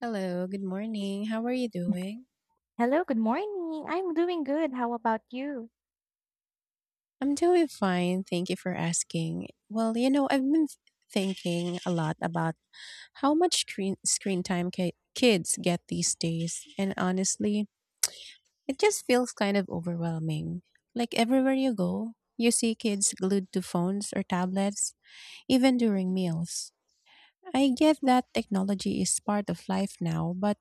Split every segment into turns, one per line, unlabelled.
Hello, good morning. How are you doing?
Hello, good morning. I'm doing good. How about you?
I'm doing fine. Thank you for asking. I've been thinking a lot about how much screen time kids get these days, and honestly, it just feels kind of overwhelming. Like everywhere you go, you see kids glued to phones or tablets, even during meals. I get that technology is part of life now, but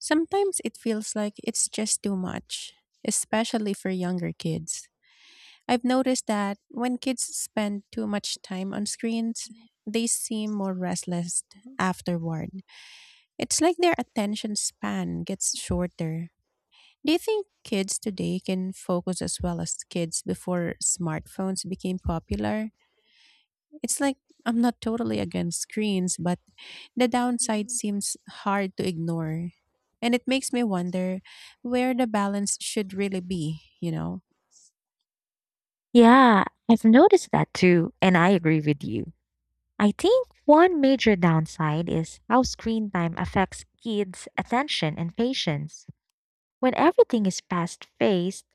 sometimes it feels like it's just too much, especially for younger kids. I've noticed that when kids spend too much time on screens, they seem more restless afterward. It's like their attention span gets shorter. Do you think kids today can focus as well as kids before smartphones became popular? It's like I'm not totally against screens, but the downside seems hard to ignore. And it makes me wonder where the balance should really be?
Yeah, I've noticed that too, and I agree with you. I think one major downside is how screen time affects kids' attention and patience. When everything is fast-paced,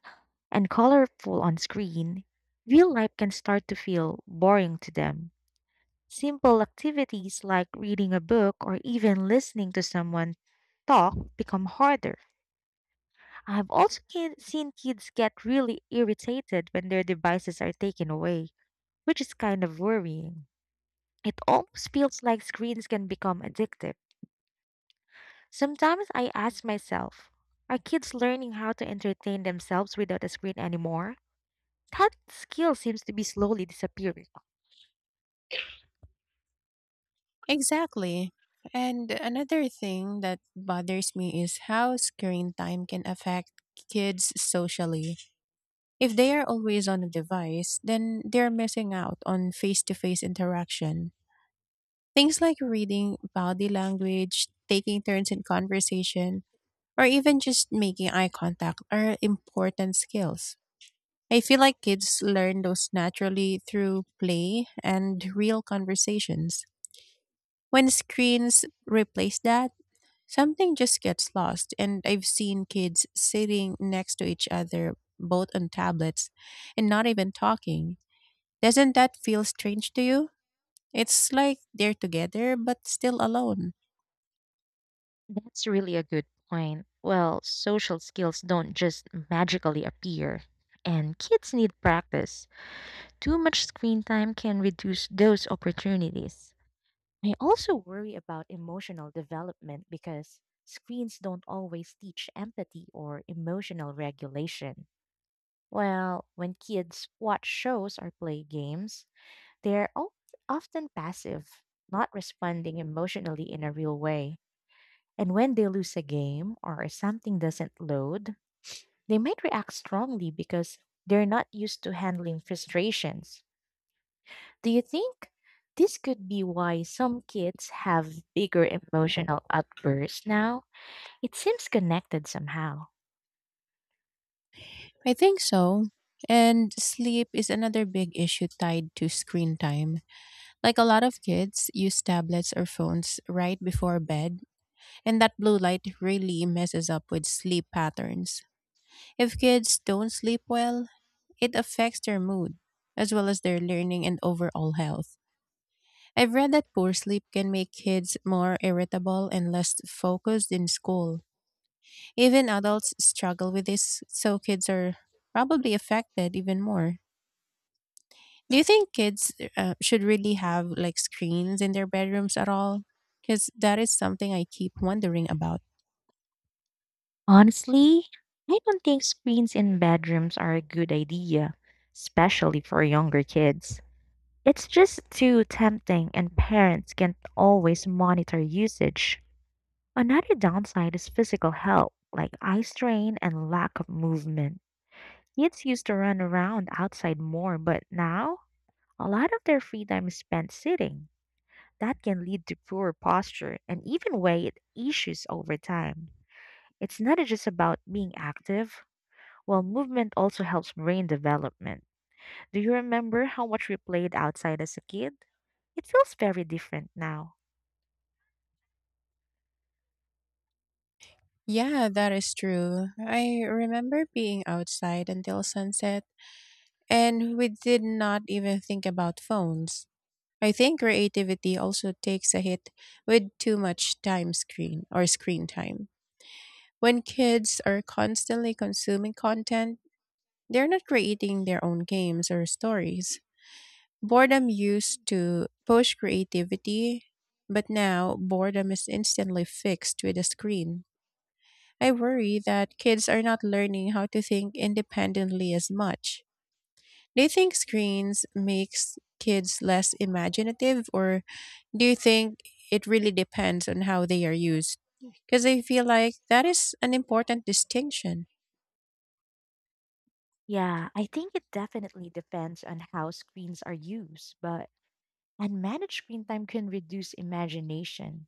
and colorful on screen, real life can start to feel boring to them. Simple activities like reading a book or even listening to someone talk become harder. I've also seen kids get really irritated when their devices are taken away, which is kind of worrying. It almost feels like screens can become addictive. Sometimes I ask myself, are kids learning how to entertain themselves without a screen anymore? That skill seems to be slowly disappearing.
Exactly. And another thing that bothers me is how screen time can affect kids socially. If they are always on a device, then they're missing out on face to face interaction. Things like reading body language, taking turns in conversation, or even just making eye contact are important skills. I feel like kids learn those naturally through play and real conversations. When screens replace that, something just gets lost, and I've seen kids sitting next to each other, both on tablets, and not even talking. Doesn't that feel strange to you? It's like they're together, but still alone.
That's really a good point. Well, social skills don't just magically appear, and kids need practice. Too much screen time can reduce those opportunities. I also worry about emotional development because screens don't always teach empathy or emotional regulation. Well, when kids watch shows or play games, they're o- often passive, not responding emotionally in a real way. And when they lose a game or something doesn't load, they might react strongly because they're not used to handling frustrations. Do you think this could be why some kids have bigger emotional outbursts now? It seems connected somehow.
I think so. And sleep is another big issue tied to screen time. Like a lot of kids use tablets or phones right before bed, and that blue light really messes up with sleep patterns. If kids don't sleep well, it affects their mood, as well as their learning and overall health. I've read that poor sleep can make kids more irritable and less focused in school. Even adults struggle with this, so kids are probably affected even more. Do you think kids should really have like screens in their bedrooms at all? Because that is something I keep wondering about.
Honestly, I don't think screens in bedrooms are a good idea, especially for younger kids. It's just too tempting, and parents can't always monitor usage. Another downside is physical health, like eye strain and lack of movement. Kids used to run around outside more, but now a lot of their free time is spent sitting. That can lead to poor posture and even weight issues over time. It's not just about being active. Well, movement also helps brain development. Do you remember how much we played outside as a kid? It feels very different now.
Yeah, that is true. I remember being outside until sunset, and we did not even think about phones. I think creativity also takes a hit with too much time screen or screen time. When kids are constantly consuming content, they're not creating their own games or stories. Boredom used to push creativity, but now boredom is instantly fixed with a screen. I worry that kids are not learning how to think independently as much. Do you think screens makes kids less imaginative or do you think it really depends on how they are used? Because I feel like that is an important distinction.
Yeah, I think it definitely depends on how screens are used, but and managed screen time can reduce imagination.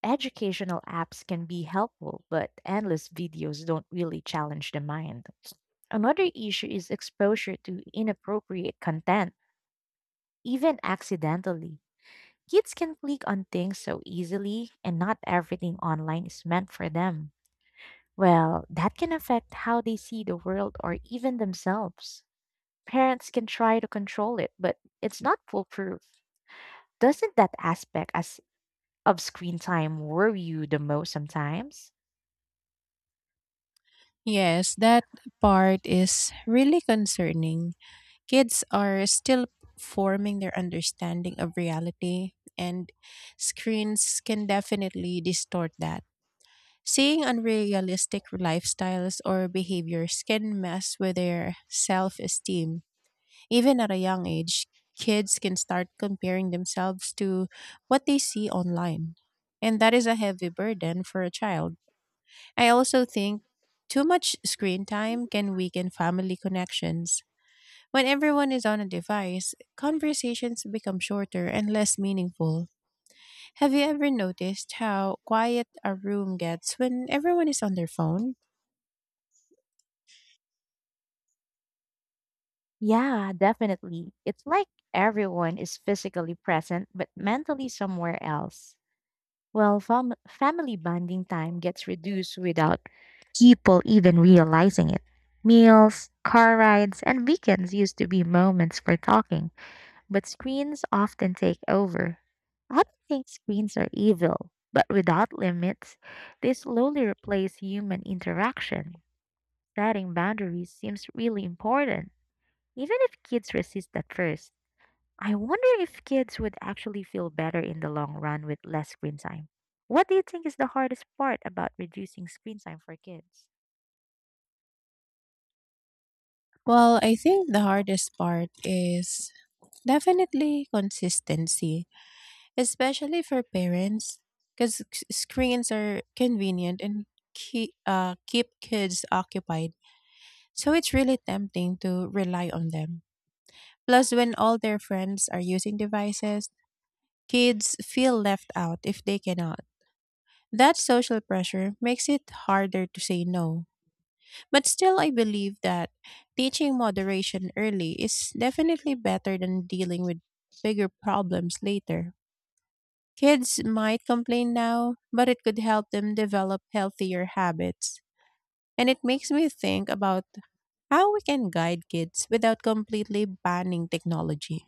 Educational apps can be helpful, but endless videos don't really challenge the mind. Another issue is exposure to inappropriate content, even accidentally. Kids can click on things so easily, and not everything online is meant for them. Well, that can affect how they see the world or even themselves. Parents can try to control it, but it's not foolproof. Doesn't that aspect as of screen time worry you the most sometimes?
Yes, that part is really concerning. Kids are still forming their understanding of reality, and screens can definitely distort that. Seeing unrealistic lifestyles or behaviors can mess with their self esteem. Even at a young age, kids can start comparing themselves to what they see online. And that is a heavy burden for a child. I also think too much screen time can weaken family connections when everyone is on a device, conversations become shorter and less meaningful. Have you ever noticed how quiet a room gets when everyone is on their phone?
Yeah, definitely. It's like everyone is physically present but mentally somewhere else. Well, family bonding time gets reduced without people even realizing it. Meals, car rides, and weekends used to be moments for talking, but screens often take over. I don't think screens are evil, but without limits, they slowly replace human interaction. Setting boundaries seems really important, even if kids resist at first. I wonder if kids would actually feel better in the long run with less screen time. What do you think is the hardest part about reducing screen time for kids?
Well, I think the hardest part is definitely consistency, especially for parents, because screens are convenient and keep kids occupied. So it's really tempting to rely on them. Plus, when all their friends are using devices, kids feel left out if they cannot. That social pressure makes it harder to say no. But still, I believe that teaching moderation early is definitely better than dealing with bigger problems later. Kids might complain now, but it could help them develop healthier habits. And it makes me think about how we can guide kids without completely banning technology.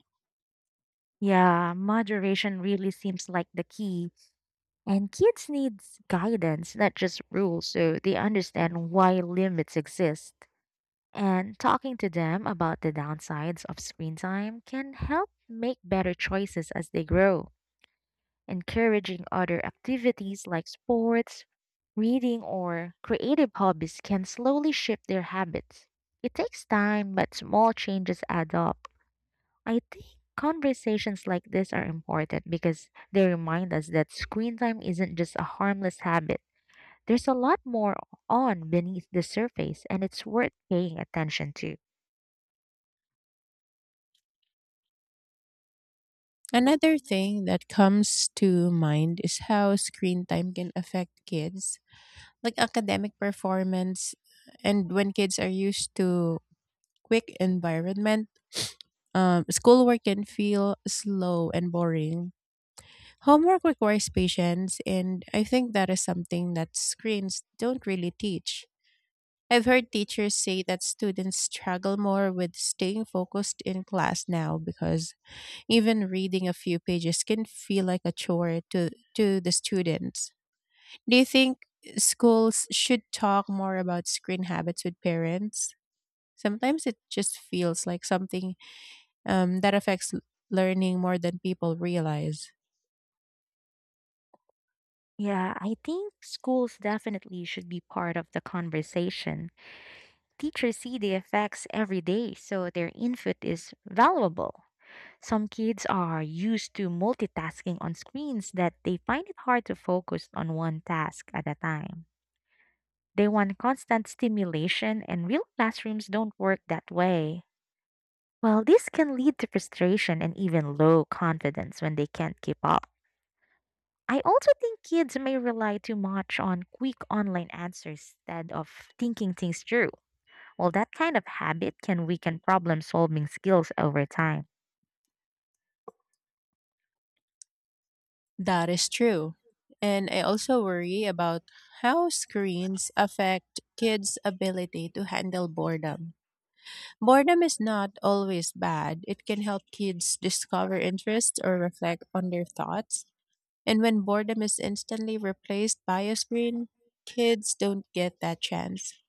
Yeah, moderation really seems like the key, and kids need guidance, not just rules, so they understand why limits exist. And talking to them about the downsides of screen time can help make better choices as they grow. Encouraging other activities like sports, reading, or creative hobbies can slowly shift their habits. It takes time, but small changes add up. I think conversations like this are important because they remind us that screen time isn't just a harmless habit. There's a lot more on beneath the surface, and it's worth paying attention to.
Another thing that comes to mind is how screen time can affect kids, like academic performance. And when kids are used to quick environment, schoolwork can feel slow and boring. Homework requires patience, and I think that is something that screens don't really teach. I've heard teachers say that students struggle more with staying focused in class now because even reading a few pages can feel like a chore to the students. Do you think schools should talk more about screen habits with parents? Sometimes it just feels like something that affects learning more than people realize.
Yeah, I think schools definitely should be part of the conversation. Teachers see the effects every day, so their input is valuable. Some kids are used to multitasking on screens that they find it hard to focus on one task at a time. They want constant stimulation, and real classrooms don't work that way. Well, this can lead to frustration and even low confidence when they can't keep up. I also think kids may rely too much on quick online answers instead of thinking things through. Well, that kind of habit can weaken problem solving skills over time.
That is true. And I also worry about how screens affect kids' ability to handle boredom. Boredom is not always bad, it can help kids discover interests or reflect on their thoughts. And when boredom is instantly replaced by a screen, kids don't get that chance.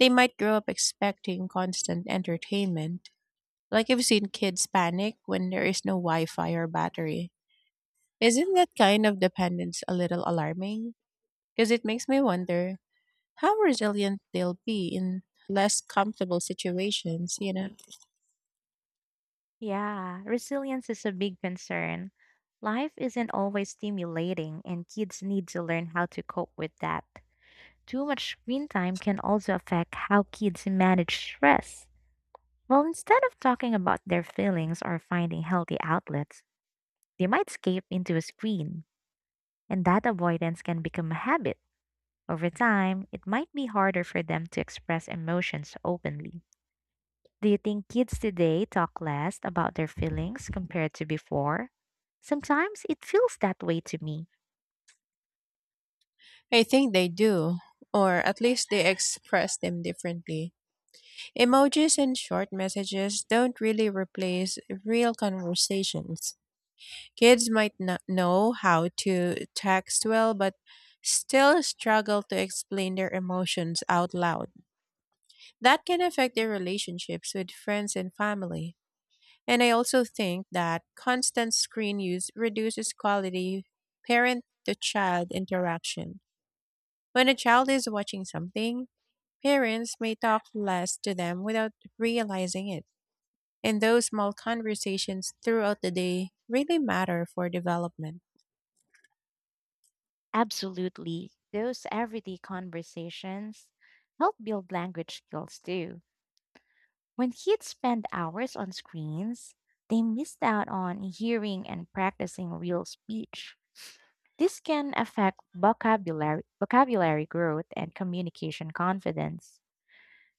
They might grow up expecting constant entertainment. Like I've seen kids panic when there is no Wi Fi or battery. Isn't that kind of dependence a little alarming? Because it makes me wonder how resilient they'll be in less comfortable situations.
Yeah, resilience is a big concern. Life isn't always stimulating, and kids need to learn how to cope with that. Too much screen time can also affect how kids manage stress. Well, instead of talking about their feelings or finding healthy outlets, they might escape into a screen, and that avoidance can become a habit. Over time, it might be harder for them to express emotions openly. Do you think kids today talk less about their feelings compared to before? Sometimes it feels that way to me.
I think they do, or at least they express them differently. Emojis and short messages don't really replace real conversations. Kids might not know how to text well, but still struggle to explain their emotions out loud. That can affect their relationships with friends and family. And I also think that constant screen use reduces quality parent to child interaction. When a child is watching something, parents may talk less to them without realizing it. And those small conversations throughout the day really matter for development.
Absolutely. Those everyday conversations help build language skills too. When kids spend hours on screens, they miss out on hearing and practicing real speech. This can affect vocabulary growth and communication confidence.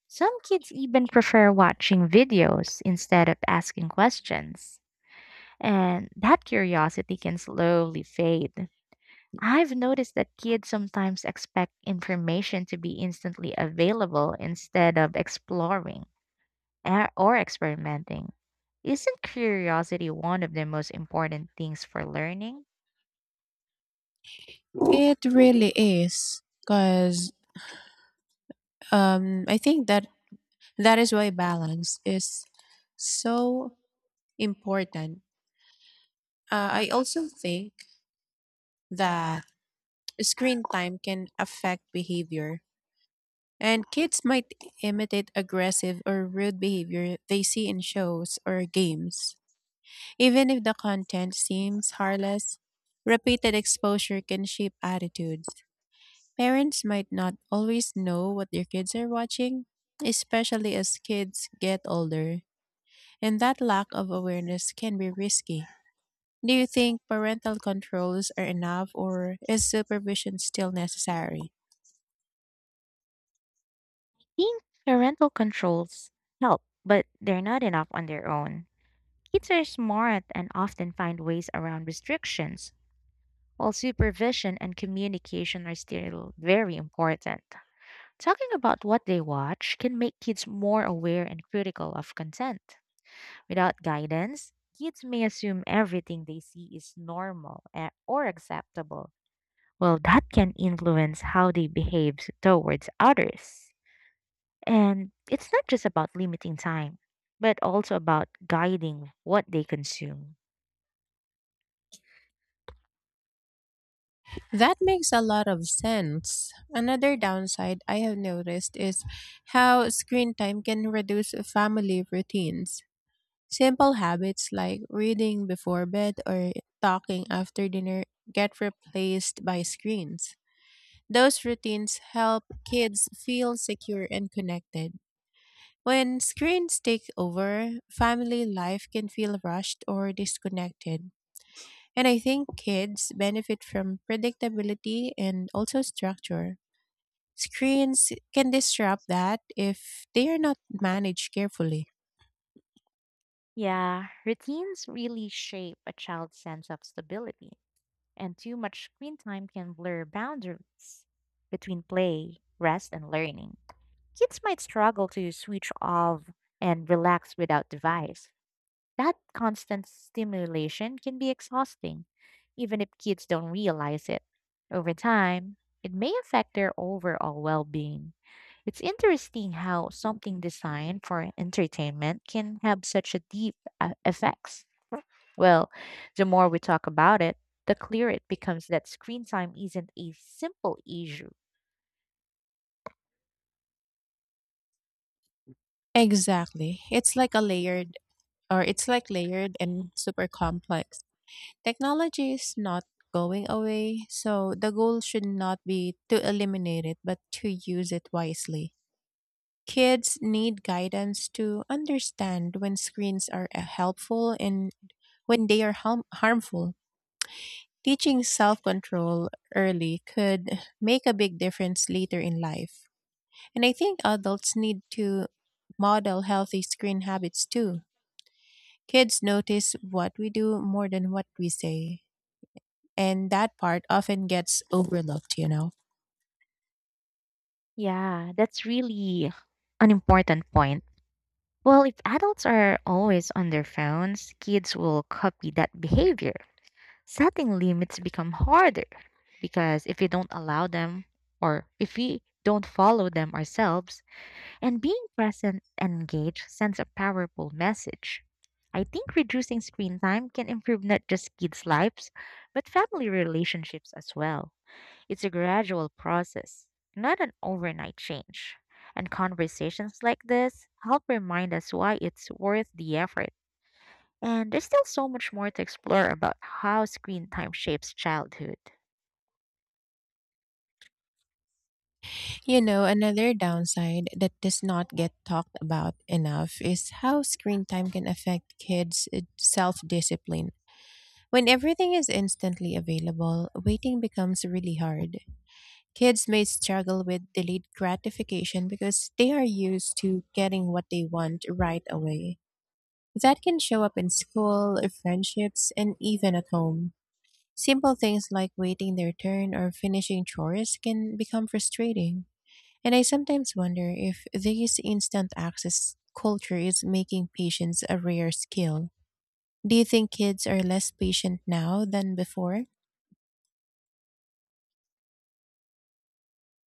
Some kids even prefer watching videos instead of asking questions. And that curiosity can slowly fade. I've noticed that kids sometimes expect information to be instantly available instead of exploring or experimenting. Isn't curiosity one of the most important things for learning?
It really is, because I think that that is why balance is so important. I also think that screen time can affect behavior, and kids might imitate aggressive or rude behavior they see in shows or games. Even if the content seems harmless, repeated exposure can shape attitudes. Parents might not always know what their kids are watching, especially as kids get older, and that lack of awareness can be risky. Do you think parental controls are enough, or is supervision still necessary?
Think parental controls help, but they're not enough on their own. Kids are smart and often find ways around restrictions while supervision and communication are still very important. Talking about what they watch can make kids more aware and critical of content. Without guidance, kids may assume everything they see is normal or acceptable. Well, that can influence how they behave towards others. And it's not just about limiting time, but also about guiding what they consume.
That makes a lot of sense. Another downside I have noticed is how screen time can reduce family routines. Simple habits like reading before bed or talking after dinner get replaced by screens. Those routines help kids feel secure and connected. When screens take over, family life can feel rushed or disconnected. And I think kids benefit from predictability and also structure. Screens can disrupt that if they are not managed carefully.
Yeah, routines really shape a child's sense of stability, and too much screen time can blur boundaries between play, rest, and learning. Kids might struggle to switch off and relax without device. That constant stimulation can be exhausting, even if kids don't realize it. Over time, it may affect their overall well being. It's interesting how something designed for entertainment can have such a deep effects. Well, the more we talk about it, the clearer it becomes that screen time isn't a simple issue.
Exactly. It's like a layered or it's like layered and super complex. Technology is not going away, so the goal should not be to eliminate it but to use it wisely. Kids need guidance to understand when screens are helpful and when they are harmful. Teaching self control early could make a big difference later in life. And I think adults need to model healthy screen habits too. Kids notice what we do more than what we say. And that part often gets overlooked, you know.
Yeah, that's really an important point. Well, if adults are always on their phones, kids will copy that behavior. Setting limits become harder because if we don't allow them or if we don't follow them ourselves, and being present and engaged sends a powerful message. I think reducing screen time can improve not just kids' lives, but family relationships as well. It's a gradual process, not an overnight change. And conversations like this help remind us why it's worth the effort. And there's still so much more to explore about how screen time shapes childhood.
You know, another downside that does not get talked about enough is how screen time can affect kids' self discipline. When everything is instantly available, waiting becomes really hard. Kids may struggle with delayed gratification because they are used to getting what they want right away. That can show up in school, friendships, and even at home. Simple things like waiting their turn or finishing chores can become frustrating. And I sometimes wonder if this instant access culture is making patience a rare skill. Do you think kids are less patient now than before?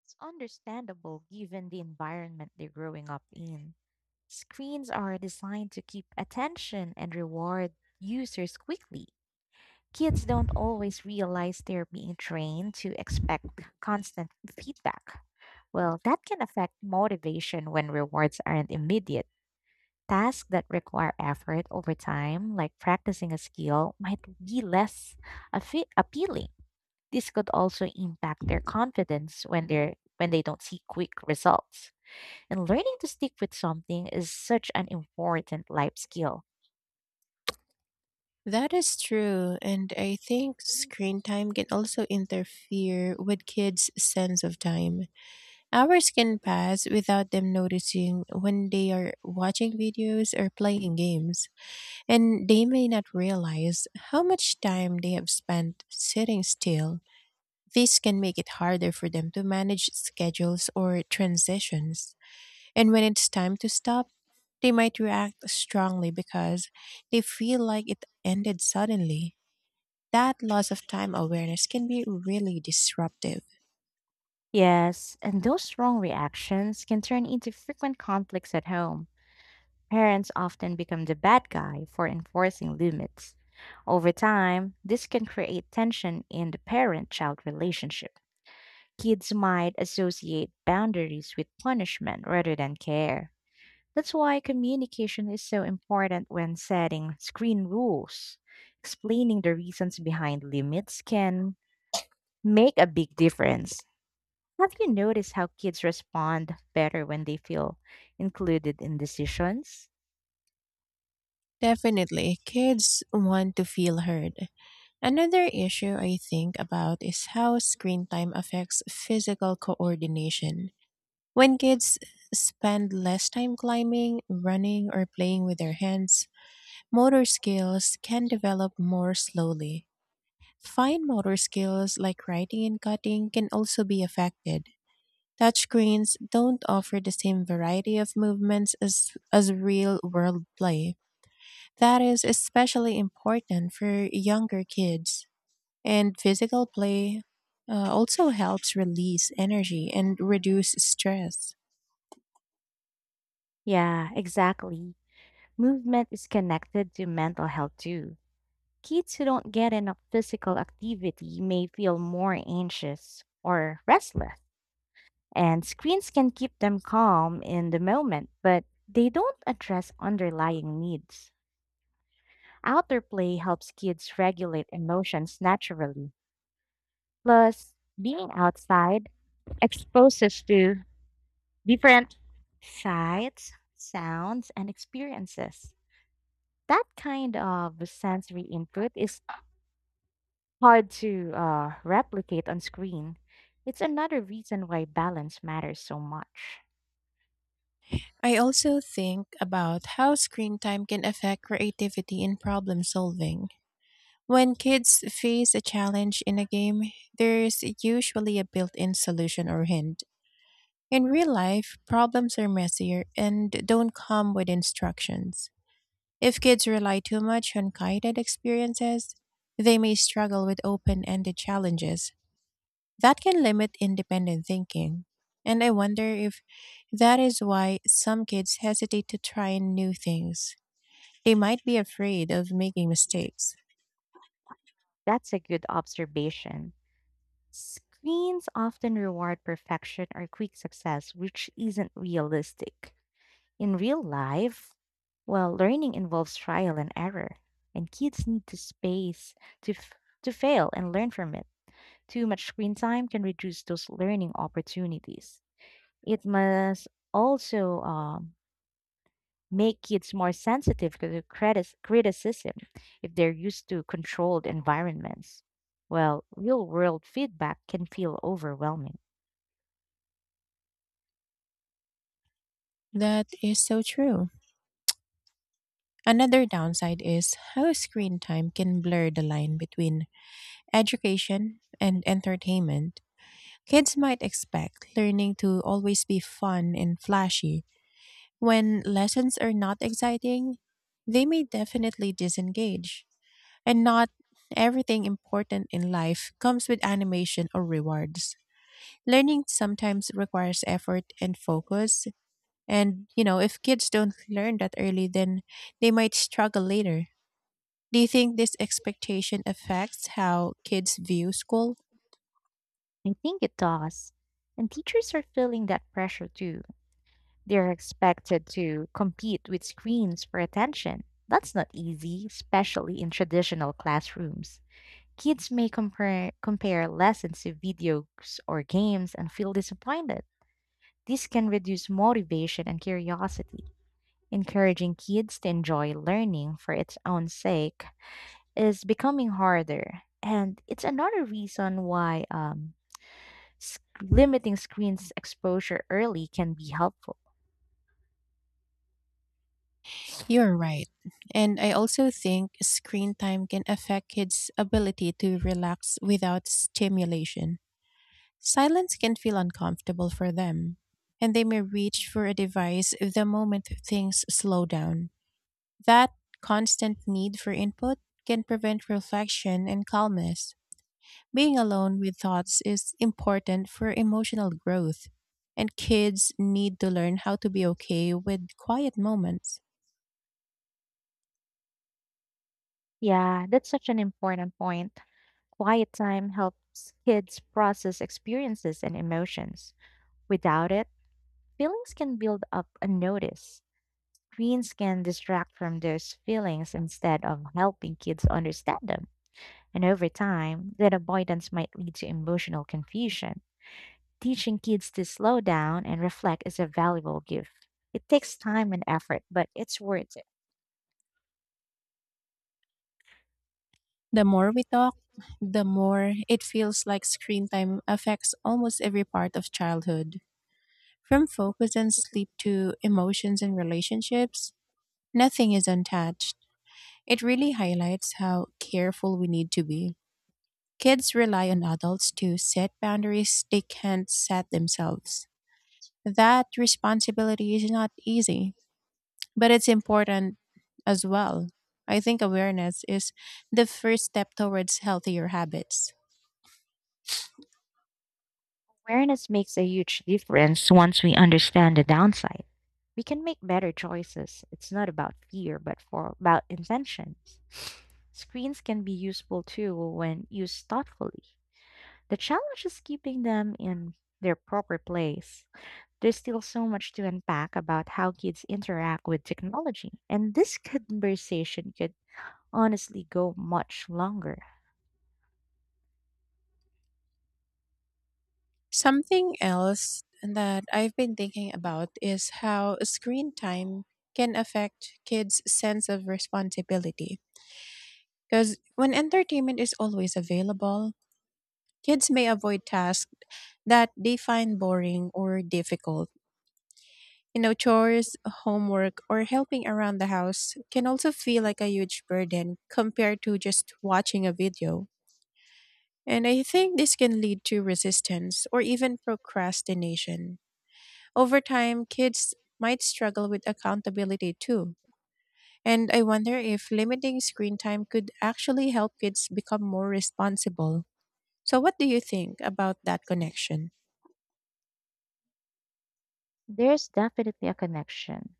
It's understandable given the environment they're growing up in. Screens are designed to keep attention and reward users quickly. Kids don't always realize they're being trained to expect constant feedback. Well, that can affect motivation when rewards aren't immediate. Tasks that require effort over time, like practicing a skill, might be less appealing. This could also impact their confidence when they don't see quick results. And learning to stick with something is such an important life skill.
That is true, and I think screen time can also interfere with kids' sense of time. Hours can pass without them noticing when they are watching videos or playing games, and they may not realize how much time they have spent sitting still. This can make it harder for them to manage schedules or transitions. And when it's time to stop, they might react strongly because they feel like it ended suddenly. That loss of time awareness can be really disruptive.
Yes, and those strong reactions can turn into frequent conflicts at home. Parents often become the bad guy for enforcing limits. Over time, this can create tension in the parent child relationship. Kids might associate boundaries with punishment rather than care. That's why communication is so important when setting screen rules. Explaining the reasons behind limits can make a big difference. Have you noticed how kids respond better when they feel included in decisions?
Definitely, kids want to feel heard. Another issue I think about is how screen time affects physical coordination. When kids spend less time climbing, running, or playing with their hands, motor skills can develop more slowly. Fine motor skills like writing and cutting can also be affected. Touchscreens don't offer the same variety of movements as real world play. That is especially important for younger kids. And physical play also helps release energy and reduce stress.
Yeah, exactly. Movement is connected to mental health too. Kids who don't get enough physical activity may feel more anxious or restless. And screens can keep them calm in the moment, but they don't address underlying needs. Outdoor play helps kids regulate emotions naturally. Plus, being outside exposes to different sights, sounds, and experiences. That kind of sensory input is hard to replicate on screen. It's another reason why balance matters so much.
I also think about how screen time can affect creativity and problem solving. When kids face a challenge in a game, there's usually a built in solution or hint. In real life, problems are messier and don't come with instructions. If kids rely too much on guided experiences, they may struggle with open ended challenges. That can limit independent thinking. And I wonder if that is why some kids hesitate to try new things. They might be afraid of making mistakes.
That's a good observation. Screens often reward perfection or quick success, which isn't realistic. In real life, well, learning involves trial and error, and kids need the space to f- to fail and learn from it. Too much screen time can reduce those learning opportunities. It must also make kids more sensitive to criticism if they're used to controlled environments. Well, real world feedback can feel overwhelming.
That is so true. Another downside is how screen time can blur the line between education and entertainment. Kids might expect learning to always be fun and flashy. When lessons are not exciting, they may definitely disengage. And not everything important in life comes with animation or rewards. Learning sometimes requires effort and focus. And if kids don't learn that early, then they might struggle later. Do you think this expectation affects how kids view school?
I think it does. And teachers are feeling that pressure too. They're expected to compete with screens for attention. That's not easy, especially in traditional classrooms. Kids may compare lessons to videos or games and feel disappointed. This can reduce motivation and curiosity. Encouraging kids to enjoy learning for its own sake is becoming harder. And it's another reason why limiting screens exposure early can be helpful.
You're right. And I also think screen time can affect kids' ability to relax without stimulation. Silence can feel uncomfortable for them, and they may reach for a device the moment things slow down. That constant need for input can prevent reflection and calmness. Being alone with thoughts is important for emotional growth, and kids need to learn how to be okay with quiet moments.
Yeah, that's such an important point. Quiet time helps kids process experiences and emotions. Without it, feelings can build up unnoticed. Screens can distract from those feelings instead of helping kids understand them. And over time, that avoidance might lead to emotional confusion. Teaching kids to slow down and reflect is a valuable gift. It takes time and effort, but it's worth.
The more we talk, the more it feels like screen time affects almost every part of childhood. From focus and sleep to emotions and relationships, nothing is untouched. It really highlights how careful we need to be. Kids rely on adults to set boundaries they can't set themselves. That responsibility is not easy, but it's important as well. I think awareness is the first step towards healthier habits.
Awareness makes a huge difference once we understand the downside. We can make better choices. It's not about fear, but for about intentions. Screens can be useful too when used thoughtfully. The challenge is keeping them in their proper place. There's still so much to unpack about how kids interact with technology, and this conversation could honestly go much longer.
Something else that I've been thinking about is how screen time can affect kids' sense of responsibility. Because when entertainment is always available, kids may avoid tasks that they find boring or difficult. You know, chores, homework, or helping around the house can also feel like a huge burden compared to just watching a video. And I think this can lead to resistance or even procrastination. Over time, kids might struggle with accountability too. And I wonder if limiting screen time could actually help kids become more responsible. So, what do you think about that connection?
There's definitely a connection.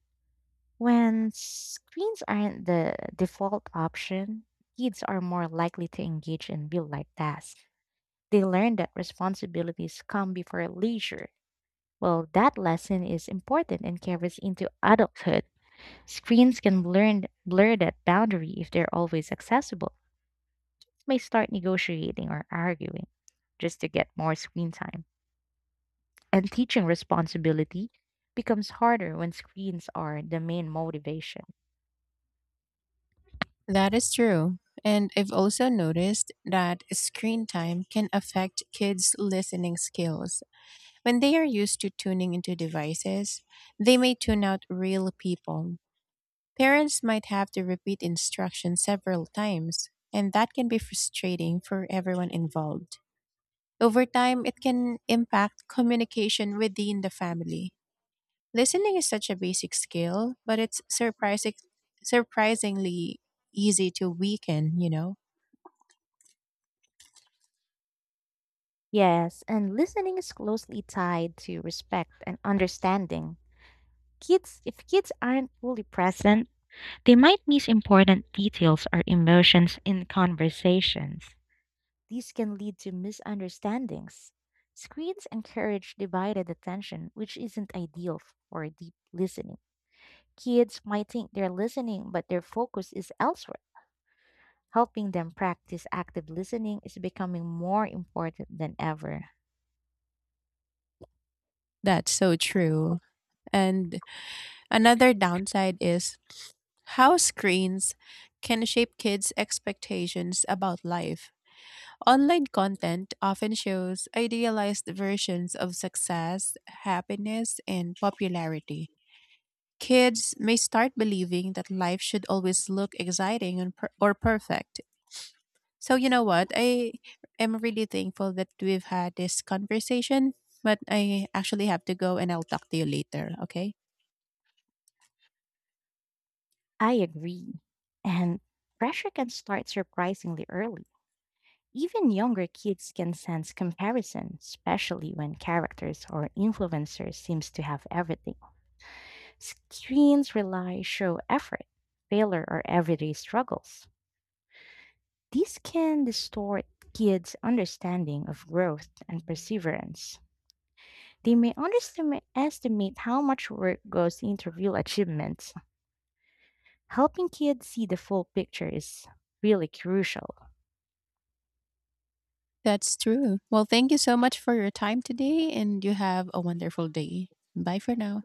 When screens aren't the default option, kids are more likely to engage in real life tasks. They learn that responsibilities come before leisure. Well, that lesson is important and carries into adulthood. Screens can blur that boundary if they're always accessible. May start negotiating or arguing just to get more screen time. And teaching responsibility becomes harder when screens are the main motivation.
That is true. And I've also noticed that screen time can affect kids' listening skills. When they are used to tuning into devices, they may tune out real people. Parents might have to repeat instructions several times, and that can be frustrating for everyone involved. Over time, it can impact communication within the family. Listening is such a basic skill, but it's surprisingly easy to weaken, you know?
Yes, and listening is closely tied to respect and understanding. Kids, if kids aren't fully present, they might miss important details or emotions in conversations. These can lead to misunderstandings. Screens encourage divided attention, which isn't ideal for deep listening. Kids might think they're listening, but their focus is elsewhere. Helping them practice active listening is becoming more important than ever.
That's so true. And another downside is how screens can shape kids' expectations about life. Online content often shows idealized versions of success, happiness, and popularity. Kids may start believing that life should always look exciting and per- or perfect. So, you know what? I am really thankful that we've had this conversation, but I actually have to go and I'll talk to you later, okay?
I agree. And pressure can start surprisingly early. Even younger kids can sense comparison, especially when characters or influencers seems to have everything. Screens rely show effort, failure or everyday struggles. This can distort kids' understanding of growth and perseverance. They may underestimate how much work goes into real achievements. Helping kids see the full picture is really crucial.
That's true. Well, thank you so much for your time today, and you have a wonderful day. Bye for now.